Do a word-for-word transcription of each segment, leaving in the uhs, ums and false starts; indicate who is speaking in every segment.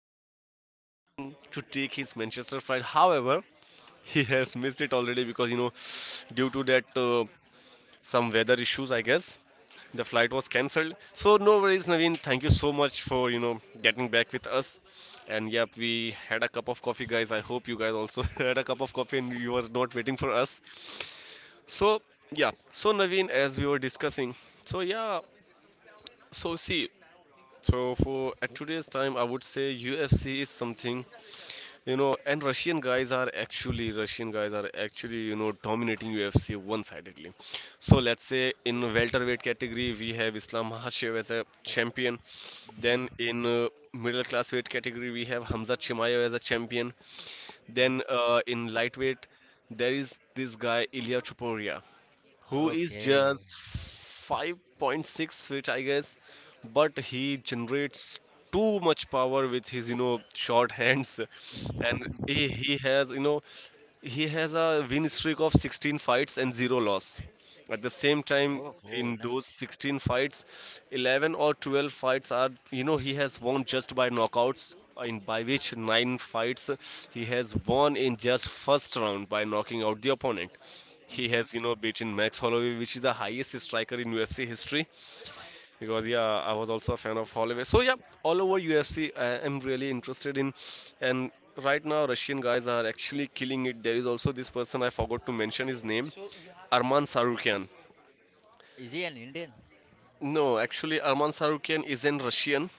Speaker 1: Puchari was going to take his Manchester flight. However, he has missed it already because you know, due to that uh, some weather issues, I guess the flight was cancelled. So no worries, Naveen. Thank you so much for you know getting back with us. And yep, we had a cup of coffee, guys. I hope you guys also had a cup of coffee and you were not waiting for us. So yeah, so Naveen, as we were discussing, so yeah, so see So for at today's time, I would say U F C is something, you know, and Russian guys are actually Russian guys are actually, you know, dominating U F C one-sidedly. So let's say in welterweight category we have Islam Makhachev as a champion. Then
Speaker 2: Mm-hmm.
Speaker 1: in uh, middle class weight category we have Hamza Chimaev as a champion. Then
Speaker 2: Yes.
Speaker 1: uh, in lightweight there is this guy Ilya Chuporia who is
Speaker 2: Okay.
Speaker 1: just five point six feet, I guess, but he generates too much power with his, you know, short hands, and he, he has, you know, he has a win streak of sixteen fights and zero loss. At the same time,
Speaker 2: Oh, oh,
Speaker 1: in those
Speaker 2: nice.
Speaker 1: sixteen fights, eleven or twelve fights are, you know, he has won just by knockouts. In by which nine fights he has won in just first round by knocking out the opponent. He
Speaker 2: Mm-hmm.
Speaker 1: has, you know, beaten Max Holloway, which is the highest striker in U F C history. Because yeah, I was also a fan of Holloway. So yeah, all over U F C, I am really interested in, and right now Russian guys are actually killing it. There is also this person I forgot to mention his name, Arman Sarukian.
Speaker 2: Is he an Indian?
Speaker 1: No, actually Arman Sarukian is in Russian,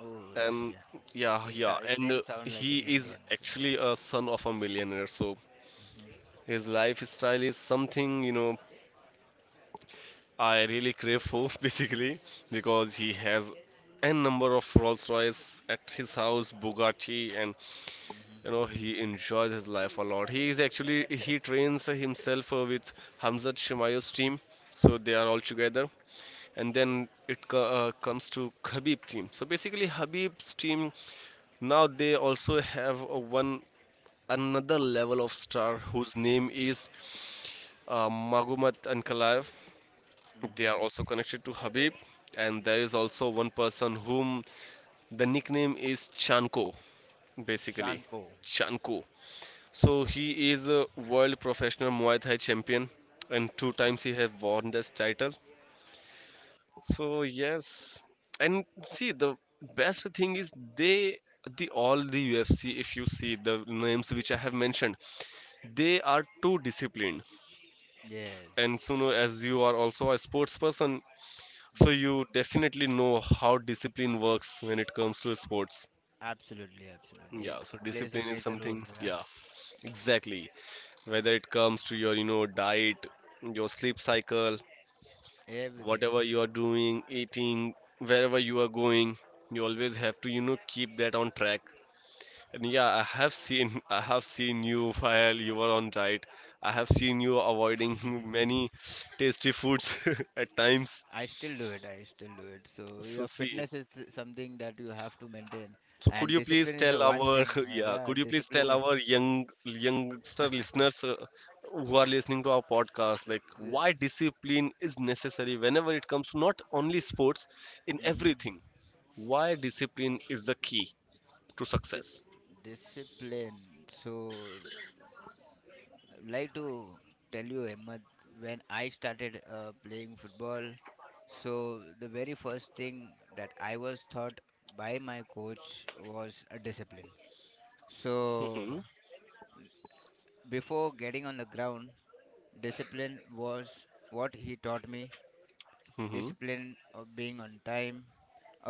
Speaker 2: Oh,
Speaker 1: and
Speaker 2: Russian.
Speaker 1: yeah,
Speaker 2: His,
Speaker 1: yeah,
Speaker 2: uh, his
Speaker 1: and uh,
Speaker 2: name sounds like
Speaker 1: he
Speaker 2: an
Speaker 1: is
Speaker 2: Indian. So.
Speaker 1: actually a son of a millionaire. So
Speaker 2: Mm-hmm.
Speaker 1: his lifestyle is something you know I really crave for basically because he has n number of Rolls Royce at his house, Bugatti, and you know he enjoys his life a lot. He is actually he trains himself uh, with Hamzat Shemayo's team, so they are all together. And then it co- uh, comes to Habib team. So basically, Habib's team now they also have uh, one another level of star whose name is uh, Magomat Ankalaev.
Speaker 2: Mm-hmm.
Speaker 1: They are
Speaker 2: Mm-hmm.
Speaker 1: also connected to Habib, and there is also one person whom the nickname is Chanko, basically.
Speaker 2: Shanko.
Speaker 1: Chanko. So he is a world professional Muay Thai champion, and two times he has won this title. So yes, and see the best thing is they the all the U F C, if you see the names which I have mentioned, they are too disciplined. And
Speaker 2: Yes.
Speaker 1: Suno, as you are also a sports person, so you
Speaker 2: Mm-hmm.
Speaker 1: definitely know how discipline works when it comes to sports.
Speaker 2: Absolutely, absolutely.
Speaker 1: Yeah,
Speaker 2: It
Speaker 1: so
Speaker 2: plays a
Speaker 1: discipline is
Speaker 2: major role.
Speaker 1: something,
Speaker 2: Yeah.
Speaker 1: yeah, exactly. Whether it comes to your, you know, diet, your sleep cycle,
Speaker 2: Everything.
Speaker 1: whatever you are doing, eating, wherever you are going, you always have to, you know, keep that on track. And yeah, I have seen, I have seen you while you were on diet. I have seen you avoiding many tasty foods at times.
Speaker 2: I still do it. I still do it. So
Speaker 1: So
Speaker 2: your
Speaker 1: see,
Speaker 2: fitness is something that you have to maintain,
Speaker 1: so could
Speaker 2: and
Speaker 1: you please
Speaker 2: discipline is
Speaker 1: tell
Speaker 2: the one
Speaker 1: our
Speaker 2: thing. Uh,
Speaker 1: yeah,
Speaker 2: yeah,
Speaker 1: could you please tell
Speaker 2: discipline is
Speaker 1: our young youngster listeners uh, who are listening to our podcast like
Speaker 2: uh,
Speaker 1: why discipline is necessary whenever it comes to not only sports in
Speaker 2: Mm-hmm.
Speaker 1: everything. Why discipline is the key to success?
Speaker 2: Discipline. So, I'd like to tell you, Ahmed, when I started uh, playing football, so the very first thing that I was taught by my coach was a discipline.
Speaker 1: Hmm.
Speaker 2: So, before getting on the ground, discipline was what he taught me.
Speaker 1: Hmm.
Speaker 2: Discipline of being on time.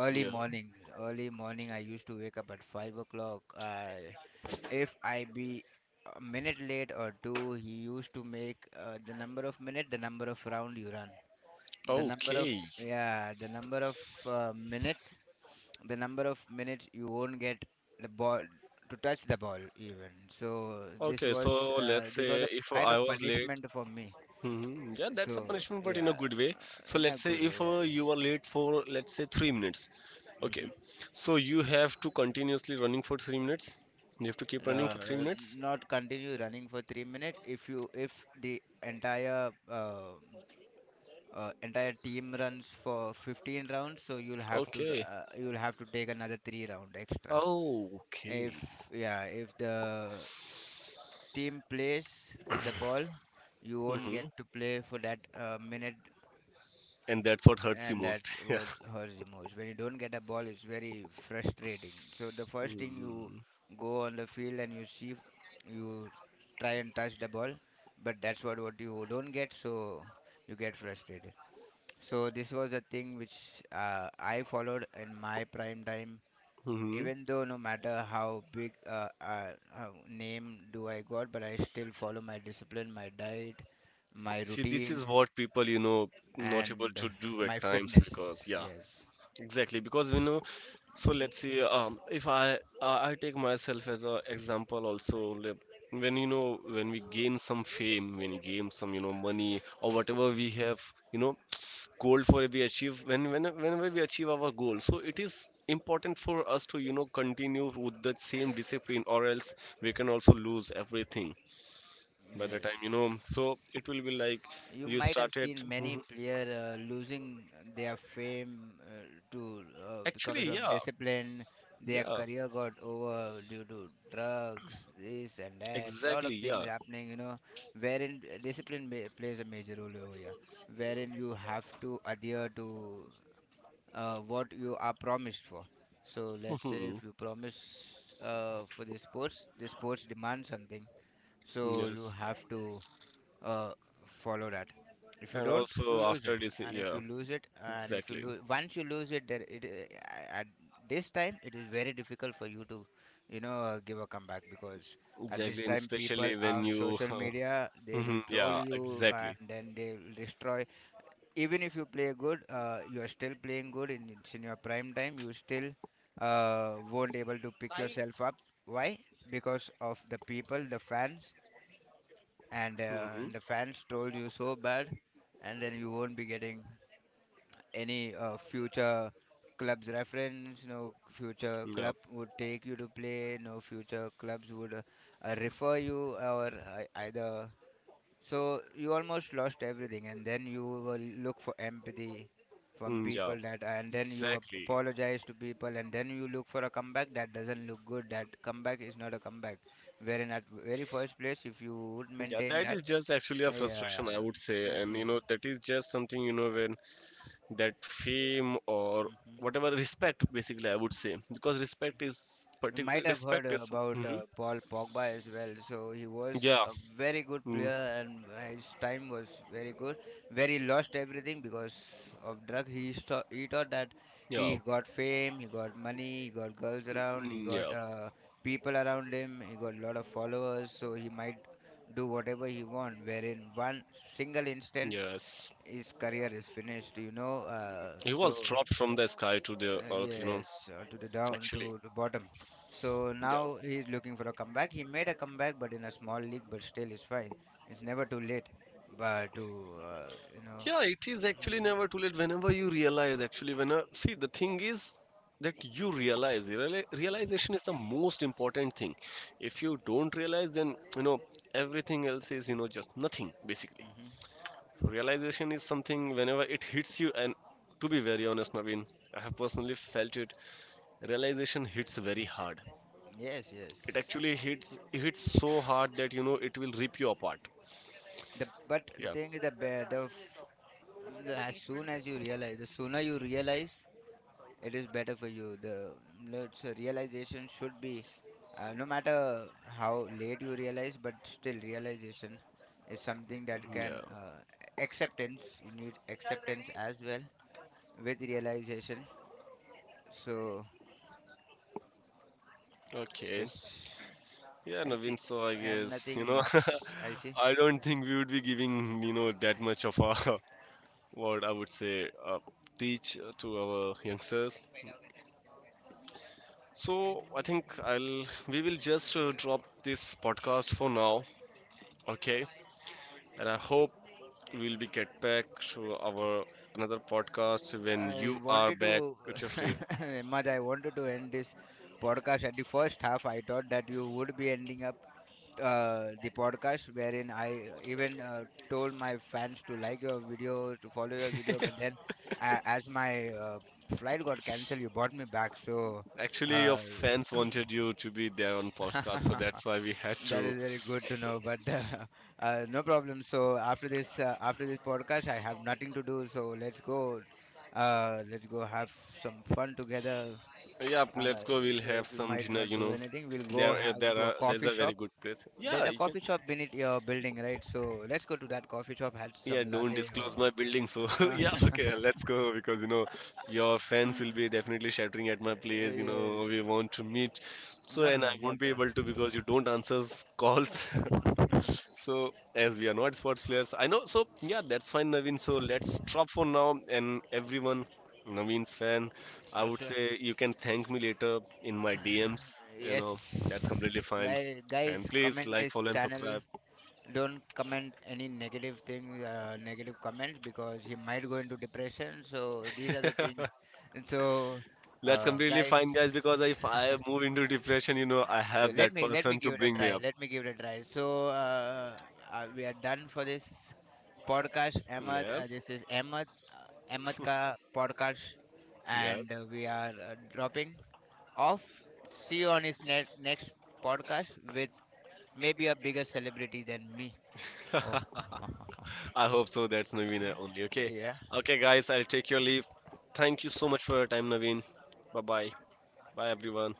Speaker 2: Early
Speaker 1: Yeah.
Speaker 2: morning, early morning, I used to wake up at five o'clock. I, if I be a minute late or two, he used to make uh, the number of minute, the number of round you run, the number of
Speaker 1: Okay.
Speaker 2: yeah, the number of uh, minutes, the number of minutes you won't get the ball to touch the ball even. So this
Speaker 1: Okay,
Speaker 2: was
Speaker 1: so
Speaker 2: uh,
Speaker 1: let's
Speaker 2: this was
Speaker 1: say
Speaker 2: a
Speaker 1: if
Speaker 2: kind
Speaker 1: I
Speaker 2: of
Speaker 1: was late.
Speaker 2: punishment for me.
Speaker 1: Hmm. Yeah, that's a
Speaker 2: So
Speaker 1: punishment, but in a
Speaker 2: yeah,
Speaker 1: good way. So
Speaker 2: in a
Speaker 1: let's say
Speaker 2: good
Speaker 1: if
Speaker 2: way,
Speaker 1: uh,
Speaker 2: yes.
Speaker 1: you are late for let's say three minutes, okay.
Speaker 2: Hmm.
Speaker 1: So you have to continuously running for three minutes. You have to keep running
Speaker 2: Uh,
Speaker 1: for three
Speaker 2: n-
Speaker 1: minutes.
Speaker 2: Not continue running for three minutes. If you if the entire uh, uh, entire team runs for fifteen rounds, so you'll have to
Speaker 1: Okay.
Speaker 2: uh, you'll have to take another three round extra.
Speaker 1: Oh,
Speaker 2: If
Speaker 1: okay.
Speaker 2: yeah, if the team plays with the ball, you won't get
Speaker 1: Hmm.
Speaker 2: to play for that uh, minute,
Speaker 1: And that's what hurts you
Speaker 2: and that
Speaker 1: most. Yeah.
Speaker 2: was hurts the most. When you don't get a ball, it's very frustrating. So the first thing you
Speaker 1: Mm-hmm.
Speaker 2: go on the field and you see, you try and touch the ball, but that's what what you don't get, so you get frustrated. So this was a thing which uh, I followed in my prime time.
Speaker 1: Mm-hmm.
Speaker 2: Even though no matter how big uh, uh, uh, name do I got, but I still follow my discipline, my diet, my
Speaker 1: See, this
Speaker 2: routine,
Speaker 1: is what people, you know, not able
Speaker 2: and
Speaker 1: to do
Speaker 2: my
Speaker 1: at times
Speaker 2: fitness.
Speaker 1: because, yeah,
Speaker 2: Yes.
Speaker 1: exactly, because you know, so
Speaker 2: Mhm.
Speaker 1: let's see. Um, if I uh, I take myself as a example also, like, when you know when we gain some fame, when we gain some you know money or whatever we have, you know, goal for we achieve when when whenever we achieve our goal, so it is important for us to you know continue with the same discipline, or else we can also lose everything by the time you know.
Speaker 2: Yes.
Speaker 1: So it will be like
Speaker 2: You
Speaker 1: you
Speaker 2: might have
Speaker 1: started.
Speaker 2: seen many
Speaker 1: Mhm.
Speaker 2: player uh, losing their fame, uh, to, uh, because
Speaker 1: Actually,
Speaker 2: of
Speaker 1: yeah,
Speaker 2: discipline. Their
Speaker 1: yeah,
Speaker 2: career got over due to drugs, this and that. Lot
Speaker 1: exactly,
Speaker 2: of things
Speaker 1: yeah.
Speaker 2: happening, you know, wherein discipline ma- plays a major role over here, wherein you have to adhere to uh, what you are promised for. So let's say if you promise uh, for the sports, the sports demand something, so you
Speaker 1: Yes,
Speaker 2: have to uh, follow that. If you
Speaker 1: and
Speaker 2: don't, you
Speaker 1: also
Speaker 2: lose it,
Speaker 1: after this,
Speaker 2: and if
Speaker 1: yeah,
Speaker 2: you lose it, and if you
Speaker 1: exactly,
Speaker 2: lose once you lose it, there it, uh, at this time it is very difficult for you to you know uh, give a comeback, because at this
Speaker 1: exactly, and
Speaker 2: time people
Speaker 1: especially when
Speaker 2: on
Speaker 1: you,
Speaker 2: social
Speaker 1: uh,
Speaker 2: media they will
Speaker 1: mhm,
Speaker 2: troll
Speaker 1: yeah,
Speaker 2: you,
Speaker 1: exactly,
Speaker 2: and then they will destroy even if you play good. Uh, you are still playing good in it's in your prime time, you still uh, won't able to pick yourself up. Why? Because of the people, the fans, and uh,
Speaker 1: hmm,
Speaker 2: and the fans told you so bad, and then you won't be getting any uh, future clubs reference. No future
Speaker 1: yeah,
Speaker 2: club would take you to play. No future clubs would uh, uh, refer you or uh, either. So you almost lost everything, and then you will look for empathy from
Speaker 1: mm, yeah,
Speaker 2: people that, and then you ap-
Speaker 1: exactly,
Speaker 2: apologize to people, and then you look for a comeback that doesn't look good. That comeback is not a comeback. Wherein at very first place, if you would
Speaker 1: yeah.
Speaker 2: maintain
Speaker 1: That
Speaker 2: that.
Speaker 1: is just actually a frustration, I
Speaker 2: Yeah.
Speaker 1: would say, and you
Speaker 2: Hmm.
Speaker 1: know that is just something you know when that fame or
Speaker 2: Hmm.
Speaker 1: whatever respect, basically, I would say, because respect is
Speaker 2: You might
Speaker 1: particular
Speaker 2: have heard
Speaker 1: respect
Speaker 2: uh,
Speaker 1: is,
Speaker 2: about
Speaker 1: hmm,
Speaker 2: uh, Paul Pogba as well. So he was
Speaker 1: yeah,
Speaker 2: a very good
Speaker 1: mm,
Speaker 2: player, and his time was very good. Where he lost everything because of drug. He sto- he thought that
Speaker 1: yeah,
Speaker 2: he got fame, he got money, he got girls around, he
Speaker 1: mm,
Speaker 2: got
Speaker 1: yeah,
Speaker 2: uh, people around him, he got a lot of followers. So he might do whatever he want. Where in one single instance,
Speaker 1: yes.
Speaker 2: his career is finished. You know. Uh,
Speaker 1: He was
Speaker 2: so.
Speaker 1: dropped from the sky to the
Speaker 2: Uh,
Speaker 1: earth, you know,
Speaker 2: yes, all to the down
Speaker 1: actually.
Speaker 2: to the bottom. So
Speaker 1: Yeah.
Speaker 2: now he's looking for a comeback. He made a comeback, but in a small league, but still it's fine. It's never too late, but to uh, you know.
Speaker 1: Yeah, it is
Speaker 2: Hmm.
Speaker 1: actually never too late whenever you realize actually when uh, see the thing is that you realize reali- realization is the most important thing. If you don't realize then you know everything else is you know just nothing basically.
Speaker 2: Hmm.
Speaker 1: So realization is something whenever it hits you and to be very honest Naveen, I have personally felt it. Realization hits very hard.
Speaker 2: Yes, yes.
Speaker 1: It actually hits hits so hard that you know it will rip you apart.
Speaker 2: The but the
Speaker 1: Yeah.
Speaker 2: thing is the, be- the, f- the as soon as you realize, the sooner you realize, it is better for you. The It's a realization should be, uh, no matter how late you realize, but still realization is something that can,
Speaker 1: Yeah.
Speaker 2: uh, acceptance. You need acceptance as well with realization. So
Speaker 1: Okay.
Speaker 2: just.
Speaker 1: Yeah,
Speaker 2: I see,
Speaker 1: Naveen, so I
Speaker 2: and
Speaker 1: guess, you
Speaker 2: nothing
Speaker 1: know,
Speaker 2: much. I see.
Speaker 1: I don't think we would be giving, you know, that much of a what I would say uh, teach to our youngsters. So I think I'll we will just uh, drop this podcast for now, okay? And I hope we'll be get back to our another podcast when
Speaker 2: I
Speaker 1: you are
Speaker 2: wanted
Speaker 1: back
Speaker 2: to,
Speaker 1: at your feet.
Speaker 2: Ahmad, I wanted to end this podcast at the first half. I thought that you would be ending up uh, the podcast wherein I, uh, even uh, told my fans to like your video, to follow your video. But then, uh, as my uh, flight got cancelled, you brought me back. So.
Speaker 1: Actually, your
Speaker 2: Uh,
Speaker 1: fans wanted you to be there on podcast, so that's why we had
Speaker 2: that
Speaker 1: to.
Speaker 2: is very good to know, but uh, uh, no problem. So after this, uh, after this podcast, I have nothing to do. So let's go, uh, let's go have some fun together.
Speaker 1: Hey, yeah,
Speaker 2: Uh,
Speaker 1: let's go. We'll
Speaker 2: so
Speaker 1: have
Speaker 2: if we
Speaker 1: some
Speaker 2: might
Speaker 1: dinner.
Speaker 2: not
Speaker 1: You
Speaker 2: do
Speaker 1: know,
Speaker 2: anything, we'll go
Speaker 1: there, uh,
Speaker 2: have
Speaker 1: there
Speaker 2: to a
Speaker 1: are there's
Speaker 2: coffee
Speaker 1: a very
Speaker 2: shop.
Speaker 1: good place.
Speaker 2: There's
Speaker 1: Yeah,
Speaker 2: a
Speaker 1: you can.
Speaker 2: coffee shop beneath your building, right? So let's go to that coffee shop, have
Speaker 1: Yeah,
Speaker 2: some
Speaker 1: don't
Speaker 2: latte
Speaker 1: disclose
Speaker 2: or.
Speaker 1: my building. So
Speaker 2: Uh,
Speaker 1: yeah, okay, let's go because you know your fans will be definitely shattering at my place. You
Speaker 2: yes.
Speaker 1: know, we want to meet. So
Speaker 2: No, no,
Speaker 1: and I
Speaker 2: no,
Speaker 1: won't
Speaker 2: not.
Speaker 1: be
Speaker 2: Uh,
Speaker 1: able to because you don't answer s- calls. So, as we are not sports players, I know. So, yeah, that's fine, Naveen. So, let's drop for now. And everyone, Naveen's fan, I
Speaker 2: sure,
Speaker 1: would
Speaker 2: sure.
Speaker 1: say you can thank me later in my D Ms. You know,
Speaker 2: Yes.
Speaker 1: that's completely fine.
Speaker 2: Like, guys,
Speaker 1: And please
Speaker 2: comment
Speaker 1: like,
Speaker 2: this
Speaker 1: follow, and
Speaker 2: channel.
Speaker 1: subscribe.
Speaker 2: Don't comment any negative things, uh, negative comments, because he might go into depression. So these are the things. And so,
Speaker 1: That's
Speaker 2: uh,
Speaker 1: completely
Speaker 2: guys.
Speaker 1: fine, guys, because if I move into depression, you know, I
Speaker 2: Uh,
Speaker 1: have
Speaker 2: let
Speaker 1: that
Speaker 2: me let me
Speaker 1: person to
Speaker 2: give it a
Speaker 1: bring me
Speaker 2: try
Speaker 1: up.
Speaker 2: let me give it a try so, uh, uh, we are done for this podcast, Ahmad. Uh,
Speaker 1: Yes,
Speaker 2: this is Ahmad, uh, Ahmed ka podcast, and uh,
Speaker 1: yes.
Speaker 2: we are uh, dropping off. See you on his net, next podcast with maybe a bigger celebrity than me. Oh.
Speaker 1: I hope so. That's Naveen uh, only. Okay.
Speaker 2: Yeah.
Speaker 1: Okay, guys, I'll take your leave. Thank you so much for your time, Naveen. Bye bye. Bye, everyone.